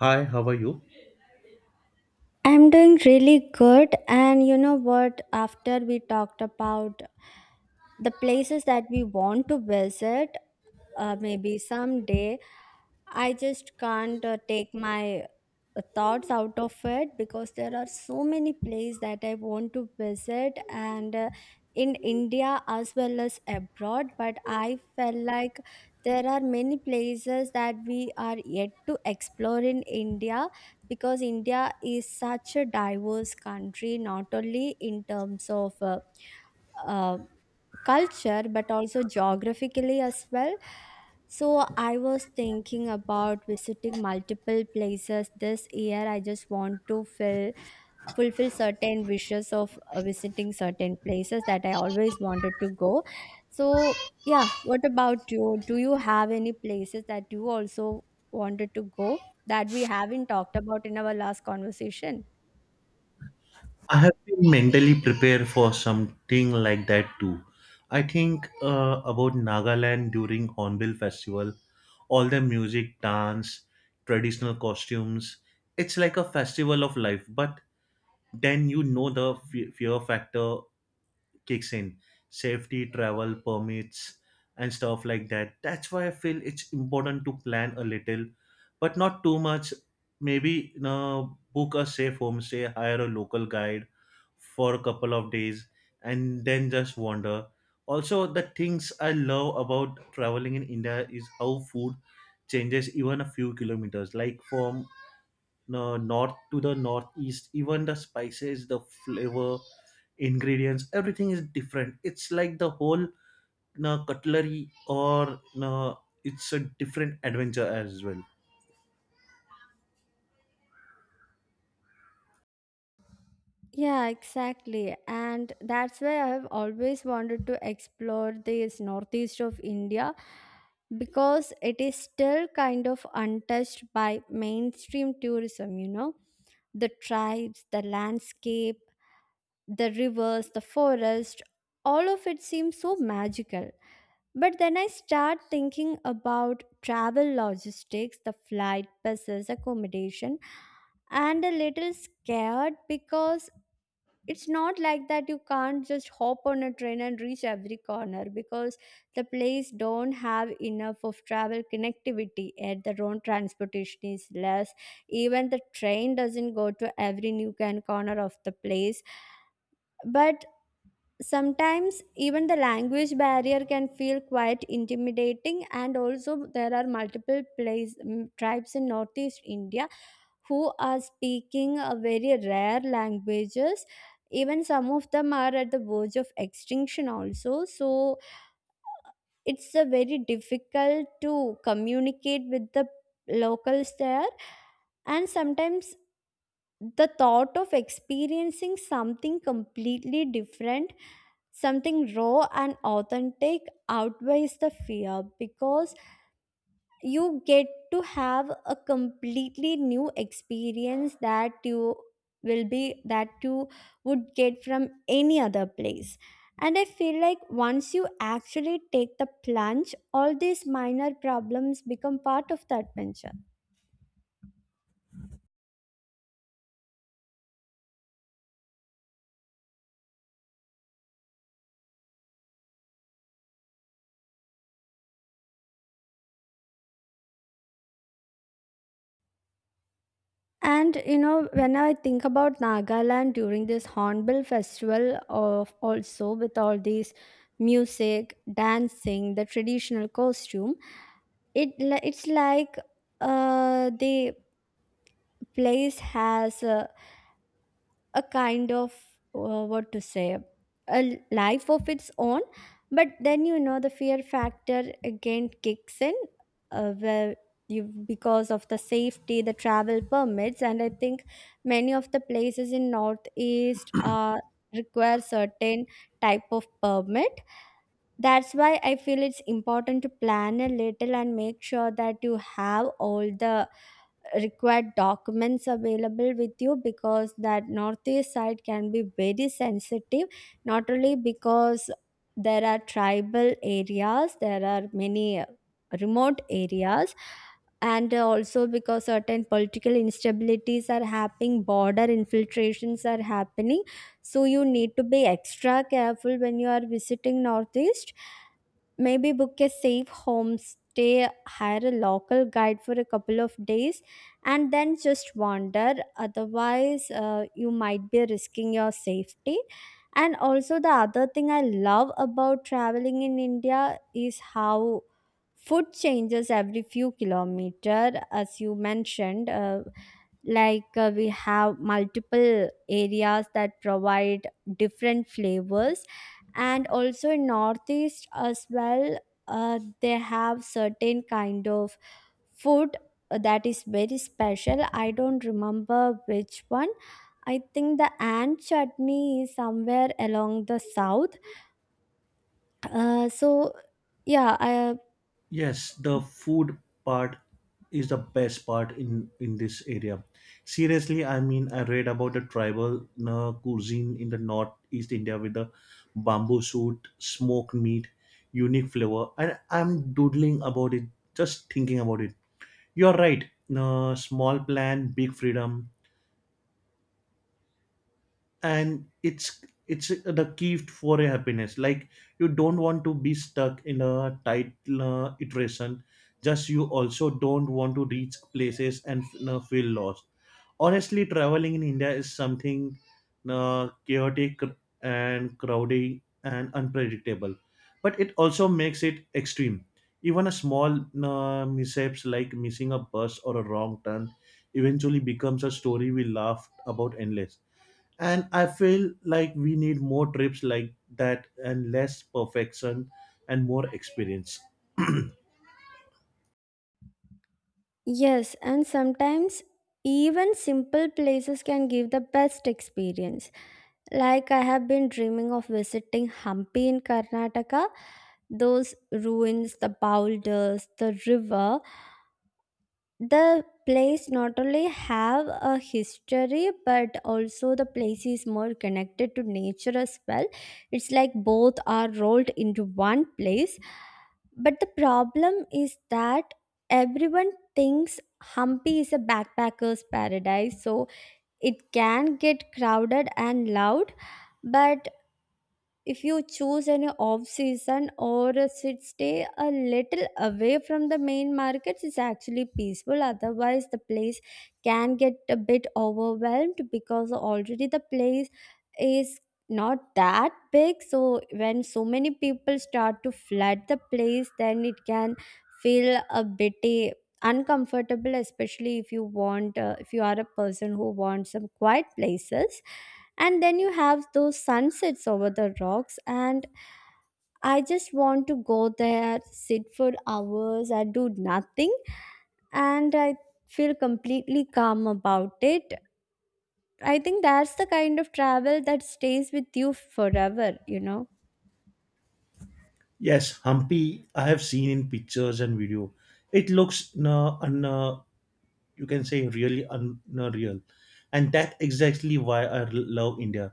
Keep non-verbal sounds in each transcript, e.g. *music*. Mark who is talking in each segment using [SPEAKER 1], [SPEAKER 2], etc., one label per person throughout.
[SPEAKER 1] Hi, how are you?
[SPEAKER 2] I'm doing really good. And you know what? After we talked about the places that we want to visit, maybe someday. I just can't take my thoughts out of it because there are so many places that I want to visit and in India as well as abroad. But I felt like there are many places that we are yet to explore in India because India is such a diverse country, not only in terms of uh, culture but also geographically as well. So I was thinking about visiting multiple places this year. I just want to fulfill certain wishes of visiting certain places that I always wanted to go. So yeah, what about you? Do you have any places that you also wanted to go that we haven't talked about in our last conversation?
[SPEAKER 1] I have been mentally prepared for something like that too. I think about Nagaland during Hornbill Festival, all the music, dance, traditional costumes. It's like a festival of life, but then you know the fear factor kicks in safety travel permits and stuff like that. That's why I feel it's important to plan a little but not too much. Maybe book a safe homestay, hire a local guide for a couple of days and then just wander. Also, the things I love about traveling in India is how food changes even a few kilometers, like from north to the northeast. Even the spices, the flavor, ingredients, everything is different. It's like the whole cutlery or it's a different adventure as well.
[SPEAKER 2] Yeah, exactly. And that's why I have always wanted to explore this northeast of India because it is still kind of untouched by mainstream tourism. The tribes, the landscape, the rivers, the forest, all of it seems so magical. But then I start thinking about travel logistics, the flight, buses, accommodation, and a little scared because it's not like that you can't just hop on a train and reach every corner because the place don't have enough of travel connectivity and the road transportation is less. Even the train doesn't go to every nook and corner of the place. But sometimes even the language barrier can feel quite intimidating, and also there are multiple tribes in northeast India who are speaking a very rare languages. Even some of them are at the verge of extinction also, so it's a very difficult to communicate with the locals there. And sometimes the thought of experiencing something completely different, something raw and authentic, outweighs the fear because you get to have a completely new experience that you will be that you would get from any other place. And I feel like once you actually take the plunge, all these minor problems become part of the adventure. And you know, when I think about Nagaland during this Hornbill Festival, of also with all these music, dancing, the traditional costume, it's like they place has a kind of what to say, a life of its own. But then the fear factor again kicks in, where you, because of the safety, the travel permits. And I think many of the places in northeast are require certain type of permit. That's why I feel it's important to plan a little and make sure that you have all the required documents available with you, because that northeast side can be very sensitive, not only because there are tribal areas, there are many remote areas, and also because certain political instabilities are happening, border infiltrations are happening. So you need to be extra careful when you are visiting northeast. Maybe book a safe homestay, hire a local guide for a couple of days, and then just wander, otherwise you might be risking your safety. And also the other thing I love about traveling in India is how food changes every few kilometer, as you mentioned. Like, we have multiple areas that provide different flavors. And also in northeast as well, they have certain kind of food that is very special. I don't remember which one. I think the ant chutney is somewhere along the south. So yeah, I,
[SPEAKER 1] Yes, the food part is the best part in this area, seriously. I mean, I read about the tribal cuisine in the northeast India with the bamboo suit, smoked meat, unique flavor, and I'm doodling about it, just thinking about it. You're right, small plan, big freedom, and it's the key for a happiness. Like, you don't want to be stuck in a tight iteration, just you also don't want to reach places and feel lost. Honestly, traveling in India is something chaotic and crowded and unpredictable, but it also makes it extreme. Even a small mishaps like missing a bus or a wrong turn eventually becomes a story we laugh about endless. And I feel like we need more trips like that and less perfection and more experience. *clears throat*
[SPEAKER 2] yes, and sometimes even simple places can give the best experience. Like I have been dreaming of visiting Hampi in Karnataka, those ruins, the boulders, the river. The place not only have a history but also the place is more connected to nature as well. It's like both are rolled into one place. But the problem is that everyone thinks Hampi is a backpacker's paradise, so it can get crowded and loud. But if you choose an off season or a sit, stay a little away from the main markets, it's actually peaceful. Otherwise the place can get a bit overwhelmed because already the place is not that big. So when so many people start to flood the place, then it can feel a bit uncomfortable, especially if you are a person who wants some quiet places. And then you have those sunsets over the rocks, and I just want to go there, sit for hours, I do nothing, and I feel completely calm about it. I think that's the kind of travel that stays with you forever you know
[SPEAKER 1] Yes, Hampi I have seen in pictures and video. It looks you can say really unreal. And that exactly why I love India.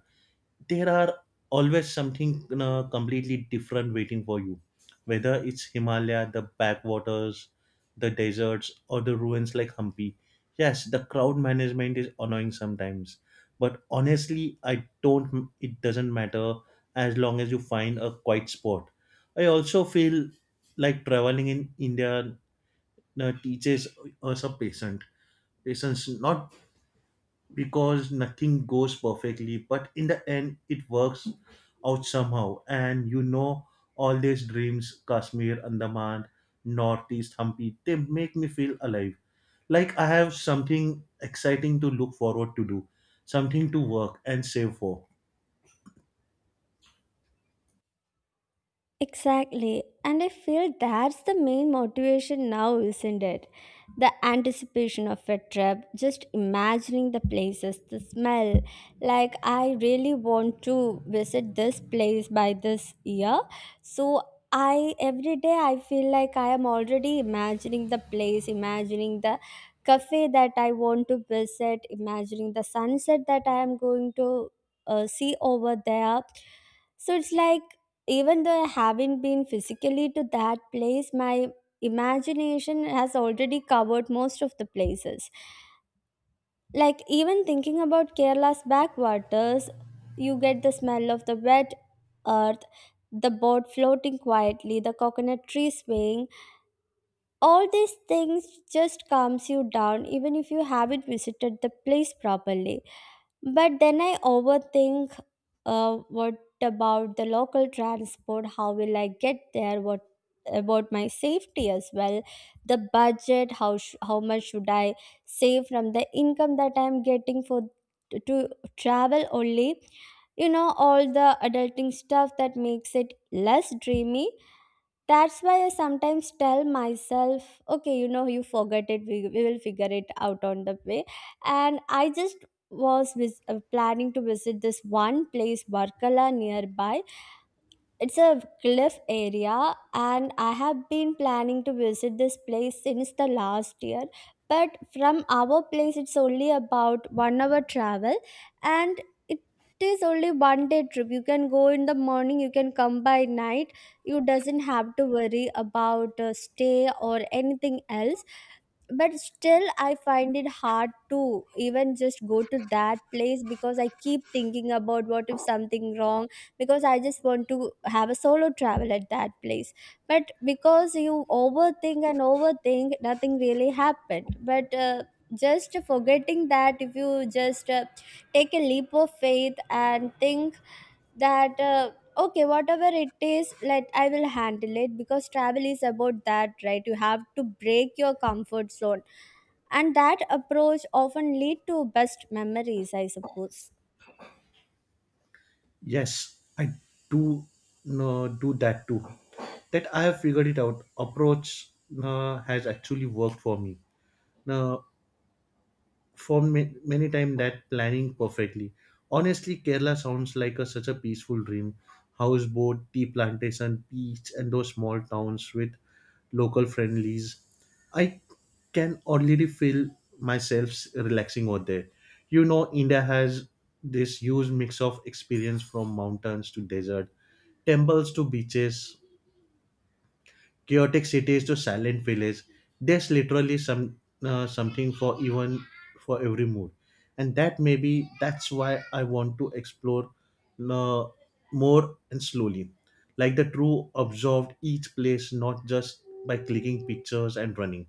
[SPEAKER 1] There are always something completely different waiting for you, whether it's Himalaya, the backwaters, the deserts, or the ruins like Hampi. Yes, the crowd management is annoying sometimes, but honestly I don't it doesn't matter as long as you find a quiet spot. I also feel like traveling in India teaches us a patience. Patience, not because nothing goes perfectly, but in the end it works out somehow. And you know, all these dreams, Kashmir, Andaman, northeast, Hampi, they make me feel alive, like I have something exciting to look forward to do, something to work and save for.
[SPEAKER 2] Exactly. And I feel that's the main motivation now, isn't it? The anticipation of a trip, just imagining the places, the smell. Like, I really want to visit this place by this year. So, I every day I feel like I am already imagining the place, imagining the cafe that I want to visit, imagining the sunset that I am going to see over there. So it's like, even though I haven't been physically to that place, my imagination has already covered most of the places. Like, even thinking about Kerala's backwaters, you get the smell of the wet earth, the boat floating quietly, the coconut tree swaying. All these things just calms you down, even if you haven't visited the place properly. But then I overthink, what about the local transport? How will I get there? What about my safety as well? The budget? How much should I save from the income that I'm getting for to travel only? You know all the adulting stuff that makes it less dreamy. That's why I sometimes tell myself, okay, you forget it, we will figure it out on the way. And I just was planning to visit this one place, Barkala, nearby. It's a cliff area, and I have been planning to visit this place since the last year, but from our place it's only about 1 hour travel, and it is only 1 day trip. You can go in the morning, you can come by night, you doesn't have to worry about stay or anything else. But still I find it hard to even just go to that place because I keep thinking about what if something wrong, because I just want to have a solo travel at that place. But because you overthink and overthink, nothing really happened. But just forgetting that if you just take a leap of faith and think that okay, whatever it is, let I will handle it, because travel is about that, right? You have to break your comfort zone, and that approach often lead to best memories, I suppose.
[SPEAKER 1] Yes, I do no do that too, that I have figured it out approach has actually worked for me now for many time, that planning perfectly. Honestly, Kerala sounds like such a peaceful dream. Houseboat, tea plantation, beach, and those small towns with local friendlies. I can already feel myself relaxing over there. You know, India has this huge mix of experience, from mountains to desert, temples to beaches, chaotic cities to silent villages. There's literally some something for even for every mood. And that, maybe that's why I want to explore uh, more and slowly, like the true observed each place, not just by clicking pictures and running.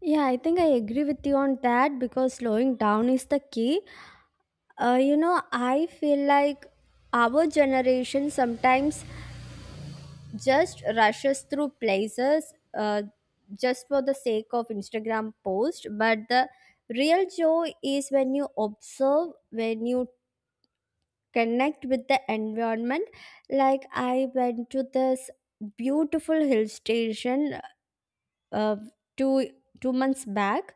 [SPEAKER 2] Yeah, I think I agree with you on that, because slowing down is the key. I feel like our generation sometimes just rushes through places, just for the sake of Instagram post, but the real joy is when you observe, when you connect with the environment. Like I went to this beautiful hill station uh, two two months back,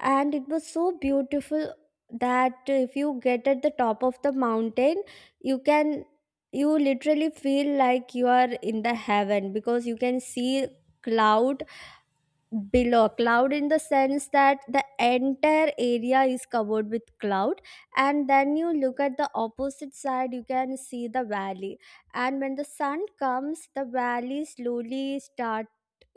[SPEAKER 2] and it was so beautiful that if you get at the top of the mountain, you can you literally feel like you are in the heaven, because you can see cloud below cloud, in the sense that the entire area is covered with cloud. And then you look at the opposite side, you can see the valley. And when the sun comes, the valley slowly start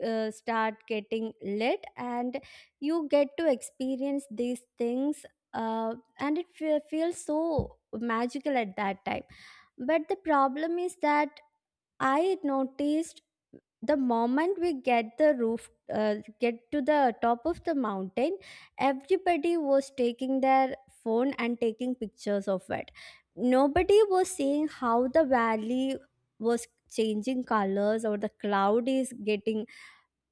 [SPEAKER 2] uh, start getting lit, and you get to experience these things. And feels so magical at that time. But the problem is that I noticed the moment we get to the top of the mountain, everybody was taking their phone and taking pictures of it. Nobody was seeing how the valley was changing colors, or the cloud is getting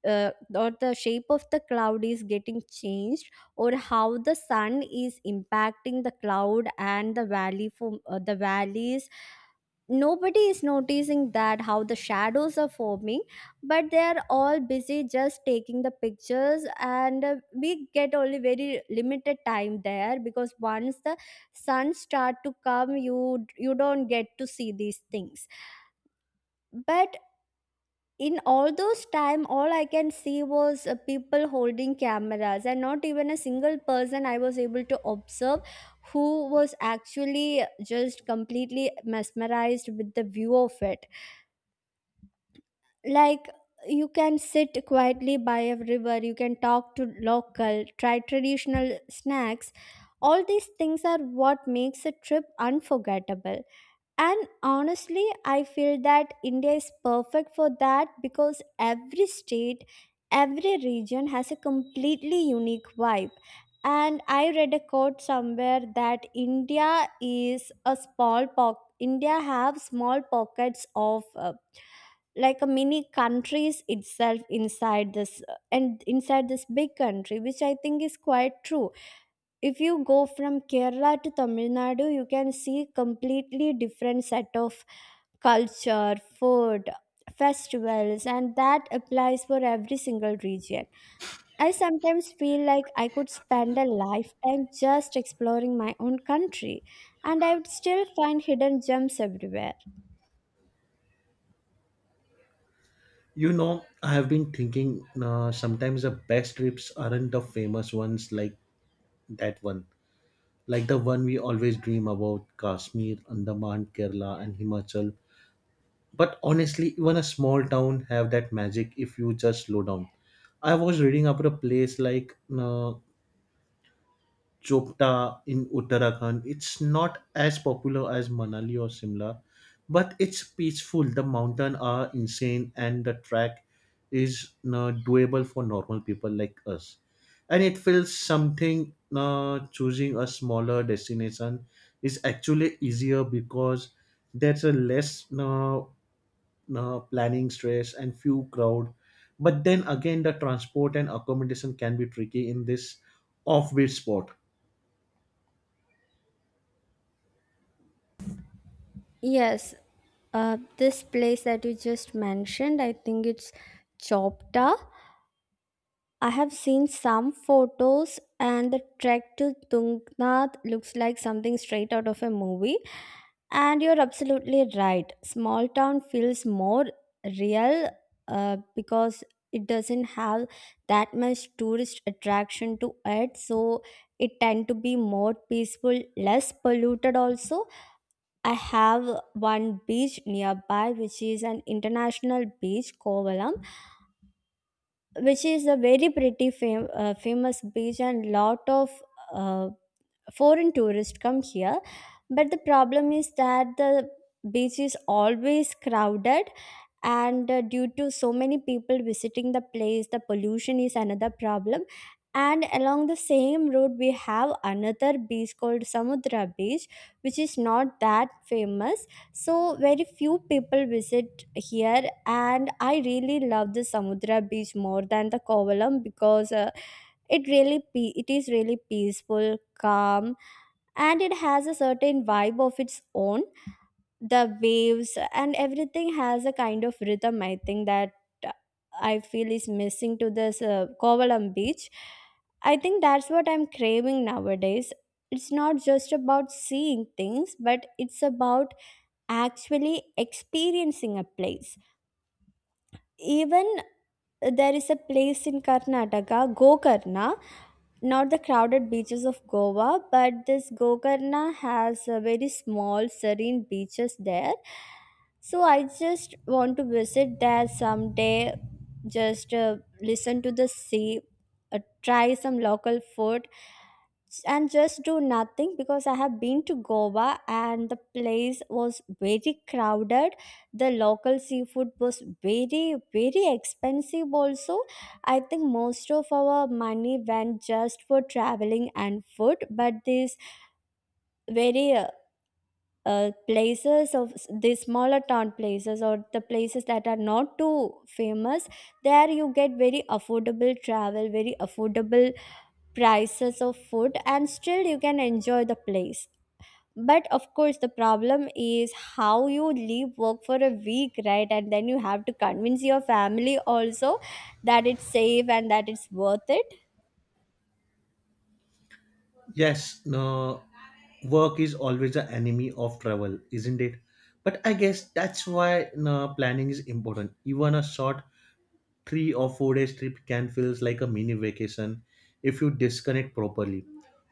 [SPEAKER 2] or the shape of the cloud is getting changed, or how the sun is impacting the cloud and the valley from, the valleys. Nobody is noticing that how the shadows are forming, but they are all busy just taking the pictures. And we get only very limited time there, because once the sun start to come, you don't get to see these things. But in all those time, all I can see was people holding cameras, and not even a single person I was able to observe who was actually just completely mesmerized with the view of it. Like, you can sit quietly by a river, you can talk to local, try traditional snacks. All these things are what makes a trip unforgettable. And honestly, I feel that India is perfect for that, because every state, every region has a completely unique vibe. And I read a quote somewhere that India is a small poc India have small pockets of, like a mini countries itself inside this and inside this big country, which I think is quite true. If you go from Kerala to Tamil Nadu, you can see completely different set of culture, food, festivals, and that applies for every single region. I sometimes feel like I could spend a lifetime just exploring my own country, and I would still find hidden gems everywhere.
[SPEAKER 1] You know, I have been thinking, sometimes the best trips aren't the famous ones, like that one, like the one we always dream about, Kashmir, Andaman, Kerala, and Himachal. But honestly, even a small town have that magic if you just slow down. I was reading about a place like uh, Chopta in Uttarakhand. It's not as popular as Manali or Simla, but it's peaceful, the mountains are insane, and the track is doable for normal people like us. And it feels something, choosing a smaller destination is actually easier because there's a less planning stress and few crowd. But then again, the transport and accommodation can be tricky in this offbeat spot.
[SPEAKER 2] Yes, this place that you just mentioned, I think it's Chopta. I have seen some photos, and the trek to Tungnath looks like something straight out of a movie. And you're absolutely right. Small town feels more real, because it doesn't have that much tourist attraction to it. So it tend to be more peaceful, less polluted also. I have one beach nearby, which is an international beach, Kovalam, which is a very pretty famous beach, and lot of uh, foreign tourists come here. But the problem is that the beach is always crowded, and due to so many people visiting the place, the pollution is another problem. And along the same road, we have another beach called Samudra Beach, which is not that famous, so very few people visit here. And I really love the Samudra Beach more than the Kovalam, because it it is really peaceful, calm, and it has a certain vibe of its own. The waves and everything has a kind of rhythm, I think, that uh, I feel is missing to this Kovalam beach. I think that's what I'm craving nowadays. It's not just about seeing things, but it's about actually experiencing a place. Even there is a place in Karnataka, Gokarna, not the crowded beaches of Goa, but this Gokarna has a very small serene beaches there. So I just want to visit there someday, just listen to the sea, try some local food, and just do nothing, because I have been to Goa and the place was very crowded. The local seafood was very, very expensive, also. I think most of our money went just for traveling and food, but this very places of the smaller town places or the places that are not too famous, there you get very affordable travel, very affordable prices of food, and still you can enjoy the place. But of course the problem is how you leave work for a week, right? And then you have to convince your family also that it's safe and that it's worth it.
[SPEAKER 1] Yes, no, work is always the enemy of travel, isn't it? But I guess that's why no planning is important. Even a short 3 or 4 days trip can feels like a mini vacation if you disconnect properly.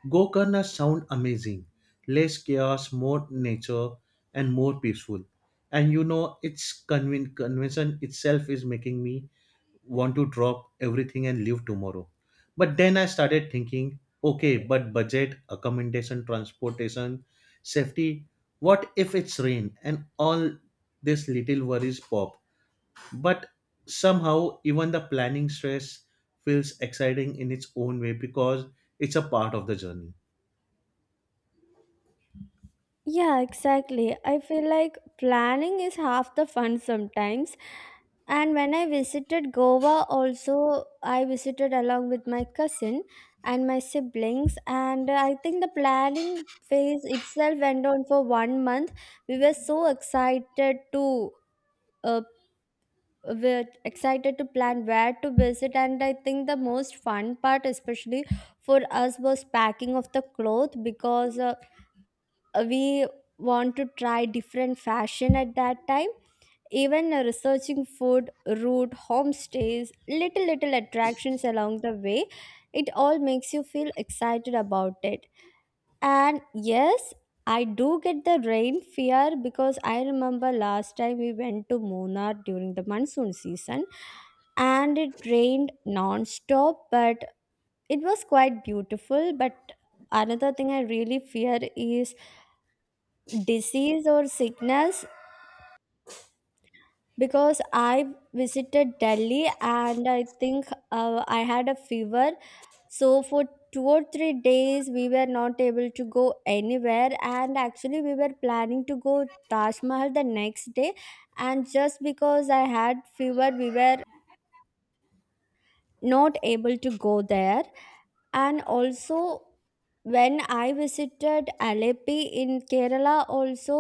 [SPEAKER 1] Gokarna sound amazing. Less chaos, more nature, and more peaceful. And you know, its convention itself is making me want to drop everything and leave tomorrow. But then I started thinking, okay, but budget, accommodation, transportation, safety. What if it's rain and all these little worries pop? But somehow even the planning stress feels exciting in its own way because it's a part of the journey.
[SPEAKER 2] Yeah, exactly. I feel like planning is half the fun sometimes. And when I visited Goa, also, I visited along with my cousin and my siblings. And I think the planning phase itself went on for 1 month. We were so excited to. Uh, we're excited to plan where to visit. And I think the most fun part, especially for us, was packing of the cloth, because we want to try different fashion at that time. Even researching food, route, homestays, little little attractions along the way, it all makes you feel excited about it. And yes, I do get the rain fear, because I remember last time we went to Munnar during the monsoon season and it rained non-stop. But it was quite beautiful. But another thing I really fear is disease or sickness, because I visited Delhi and I think I had a fever. So for 2 or 3 days, we were not able to go anywhere. And actually, we were planning to go Taj Mahal the next day. And just because I had fever, we were not able to go there. And also when I visited Alleppey in Kerala also,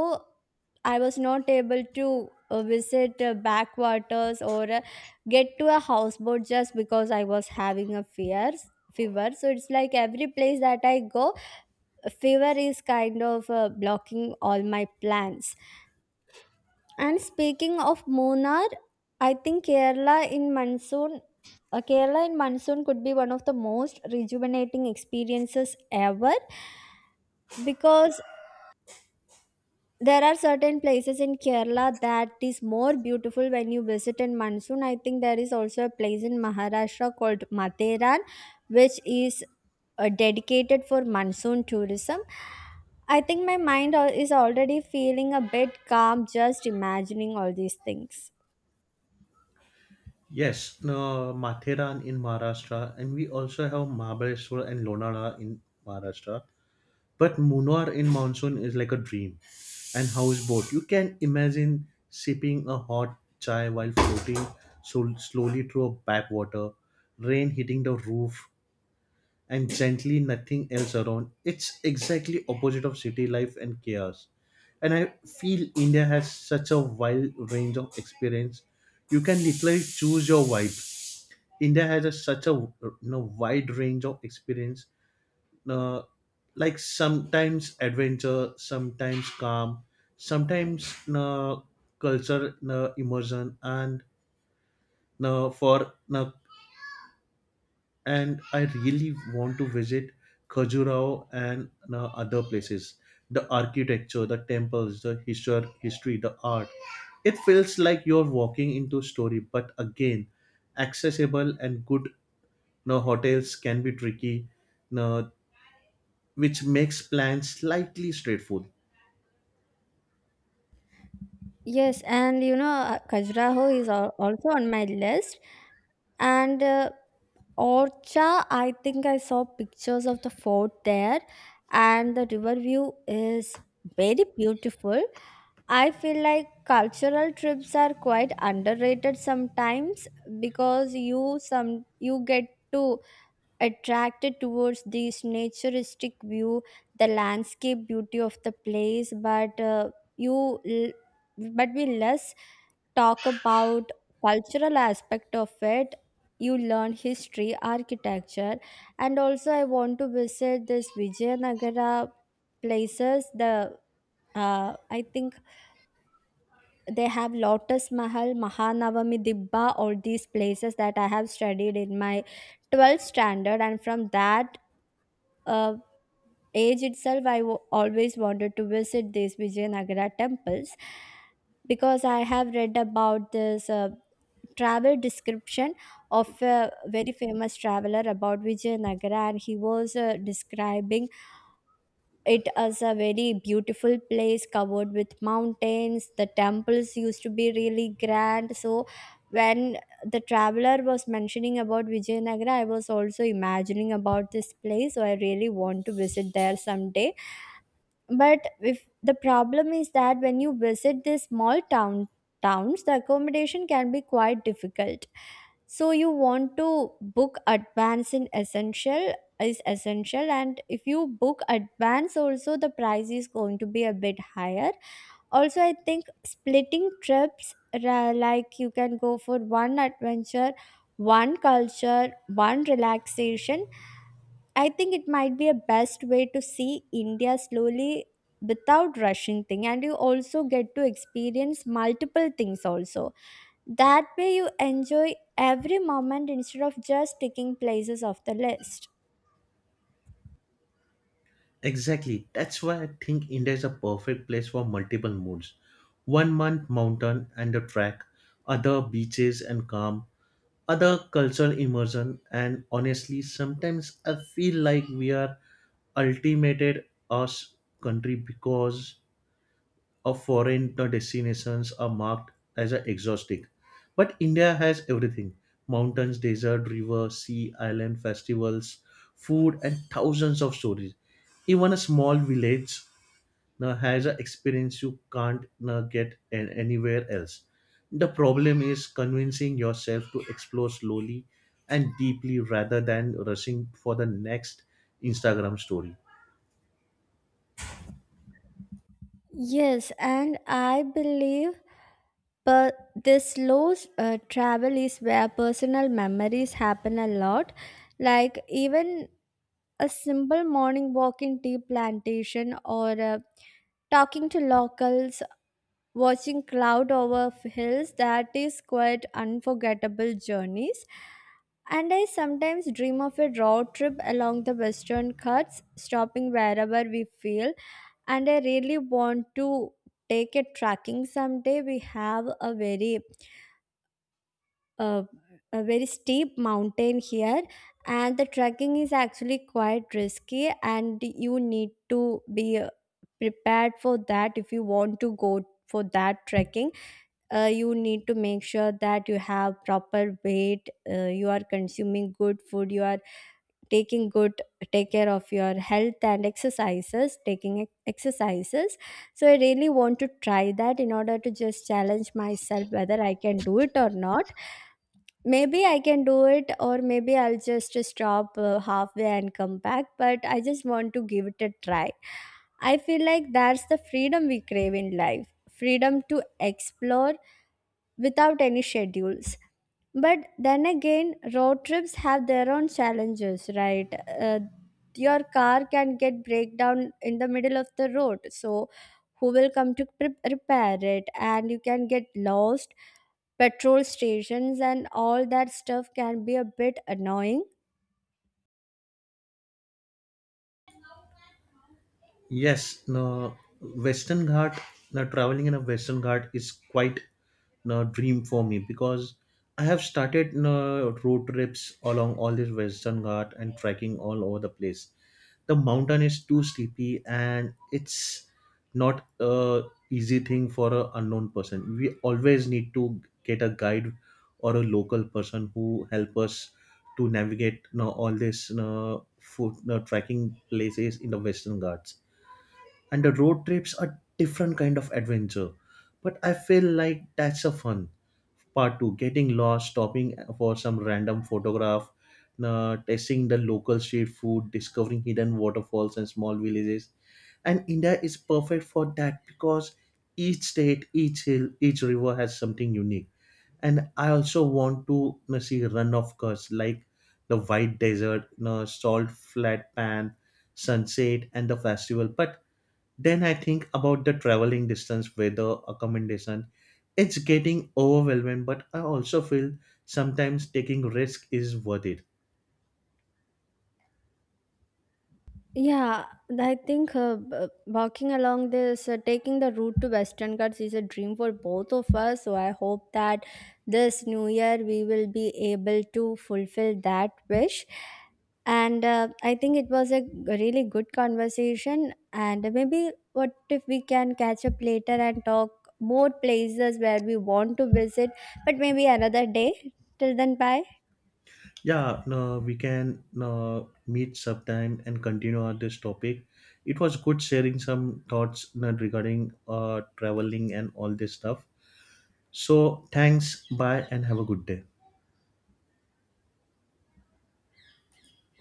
[SPEAKER 2] I was not able to visit backwaters or get to a houseboat just because I was having a fears fever. So it's like every place that I go, fever is kind of blocking all my plans. And speaking of Munnar, I think Kerala in monsoon could be one of the most rejuvenating experiences ever, because there are certain places in Kerala that is more beautiful when you visit in monsoon. I think there is also a place in Maharashtra called Matheran, which is dedicated for monsoon tourism. I think my mind is already feeling a bit calm just imagining all these things.
[SPEAKER 1] Yes, no, Matheran in Maharashtra, and we also have Mahabaleshwar and Lonara in Maharashtra. But Munnar in monsoon is like a dream. And houseboat, you can imagine sipping a hot chai while floating so slowly through a backwater, rain hitting the roof and gently, nothing else around. It's exactly opposite of city life and chaos. And I feel India has such a wide range of experience. You can literally choose your vibe. India has such a wide range of experience. Uh, like sometimes adventure, sometimes calm, sometimes culture immersion, and for and I really want to visit Khajuraho and other places. The architecture, the temples, the history, the art. It feels like you're walking into a story. But again, accessible and good, no hotels can be tricky, no, which makes plans slightly straightforward.
[SPEAKER 2] Yes, and you know, Khajuraho is also on my list. And Orcha, I think I saw pictures of the fort there, and the river view is very beautiful. I feel like cultural trips are quite underrated sometimes, because you get to attracted towards this naturistic view, the landscape beauty of the place, but you l- but we less talk about cultural aspect of it. You learn history, architecture. And also I want to visit this Vijayanagara places. The I think they have Lotus Mahal, Mahanavami Dibba, all these places that I have studied in my 12th standard. And from that uh, age itself, I always wanted to visit these Vijayanagara temples, because I have read about this travel description of a very famous traveler about Vijayanagara, and he was describing it as a very beautiful place covered with mountains. The temples used to be really grand. So, when the traveler was mentioning about Vijayanagara, I was also imagining about this place. So, I really want to visit there someday. But if the problem is that when you visit these small town towns, the accommodation can be quite difficult, so you want to book advance in essential is essential. And if you book advance also, the price is going to be a bit higher. Also, I think splitting trips, like you can go for one adventure, one culture, one relaxation. I think it might be a best way to see India slowly without rushing thing, and you also get to experience multiple things also. That way you enjoy every moment instead of just ticking places off the list.
[SPEAKER 1] Exactly. That's why I think India is a perfect place for multiple moods. 1 month mountain and a track, other beaches and calm, other cultural immersion. And honestly, sometimes I feel like we are ultimated us country because of foreign destinations are marked as a exotic. But India has everything: mountains, desert, river, sea, island, festivals, food, and thousands of stories. Even a small village now has an experience you can't now get anywhere else. The problem is convincing yourself to explore slowly and deeply rather than rushing for the next Instagram story.
[SPEAKER 2] Yes, and I believe but this slow travel is where personal memories happen a lot. Like even a simple morning walk in tea plantation or talking to locals, watching cloud over hills, that is quite unforgettable journeys. And I sometimes dream of a road trip along the Western Ghats, stopping wherever we feel. And I really want to take a trekking someday. We have uh, a very steep mountain here, and the trekking is actually quite risky, and you need to be prepared for that. If you want to go for that trekking, you need to make sure that you have proper weight, you are consuming good food, you are taking good take care of your health and exercises, exercises. So I really want to try that in order to just challenge myself whether I can do it or not. Maybe I can do it, or maybe I'll just stop halfway and come back, but I just want to give it a try. I feel like that's the freedom we crave in life, freedom to explore without any schedules. But then again, road trips have their own challenges, right? Uh, your car can get breakdown in the middle of the road, so who will come to repair it? And you can get lost. Petrol stations and all that stuff can be a bit annoying.
[SPEAKER 1] Yes, no, Western Ghat, no, traveling in a Western Ghat is quite no dream for me because I have started no, road trips along all this Western Ghat and trekking all over the place. The mountain is too sleepy and it's not a easy thing for a unknown person. We always need to get a guide or a local person who help us to navigate no all this no, food, no, trekking places in the Western Ghats. And the road trips are different kind of adventure, but I feel like that's a fun part too. Getting lost, stopping for some random photograph, testing the local street food, discovering hidden waterfalls and small villages. And India is perfect for that because each state, each hill, each river has something unique. And I also want to, you know, see Run of Course, like the white desert, you know, salt flat pan, sunset, and the festival. But then I think about the traveling distance, weather, accommodation. It's getting overwhelming, but I also feel sometimes taking risk is worth it.
[SPEAKER 2] Yeah, I think walking along this, taking the route to Western Ghats is a dream for both of us. So I hope that this new year we will be able to fulfill that wish. And I think it was a really good conversation. And maybe what if we can catch up later and talk more places where we want to visit, but maybe another day. Till then, bye.
[SPEAKER 1] Yeah, no, we can no, meet sometime and continue on this topic. It was good sharing some thoughts no, regarding traveling and all this stuff. So thanks, bye, and have a good day.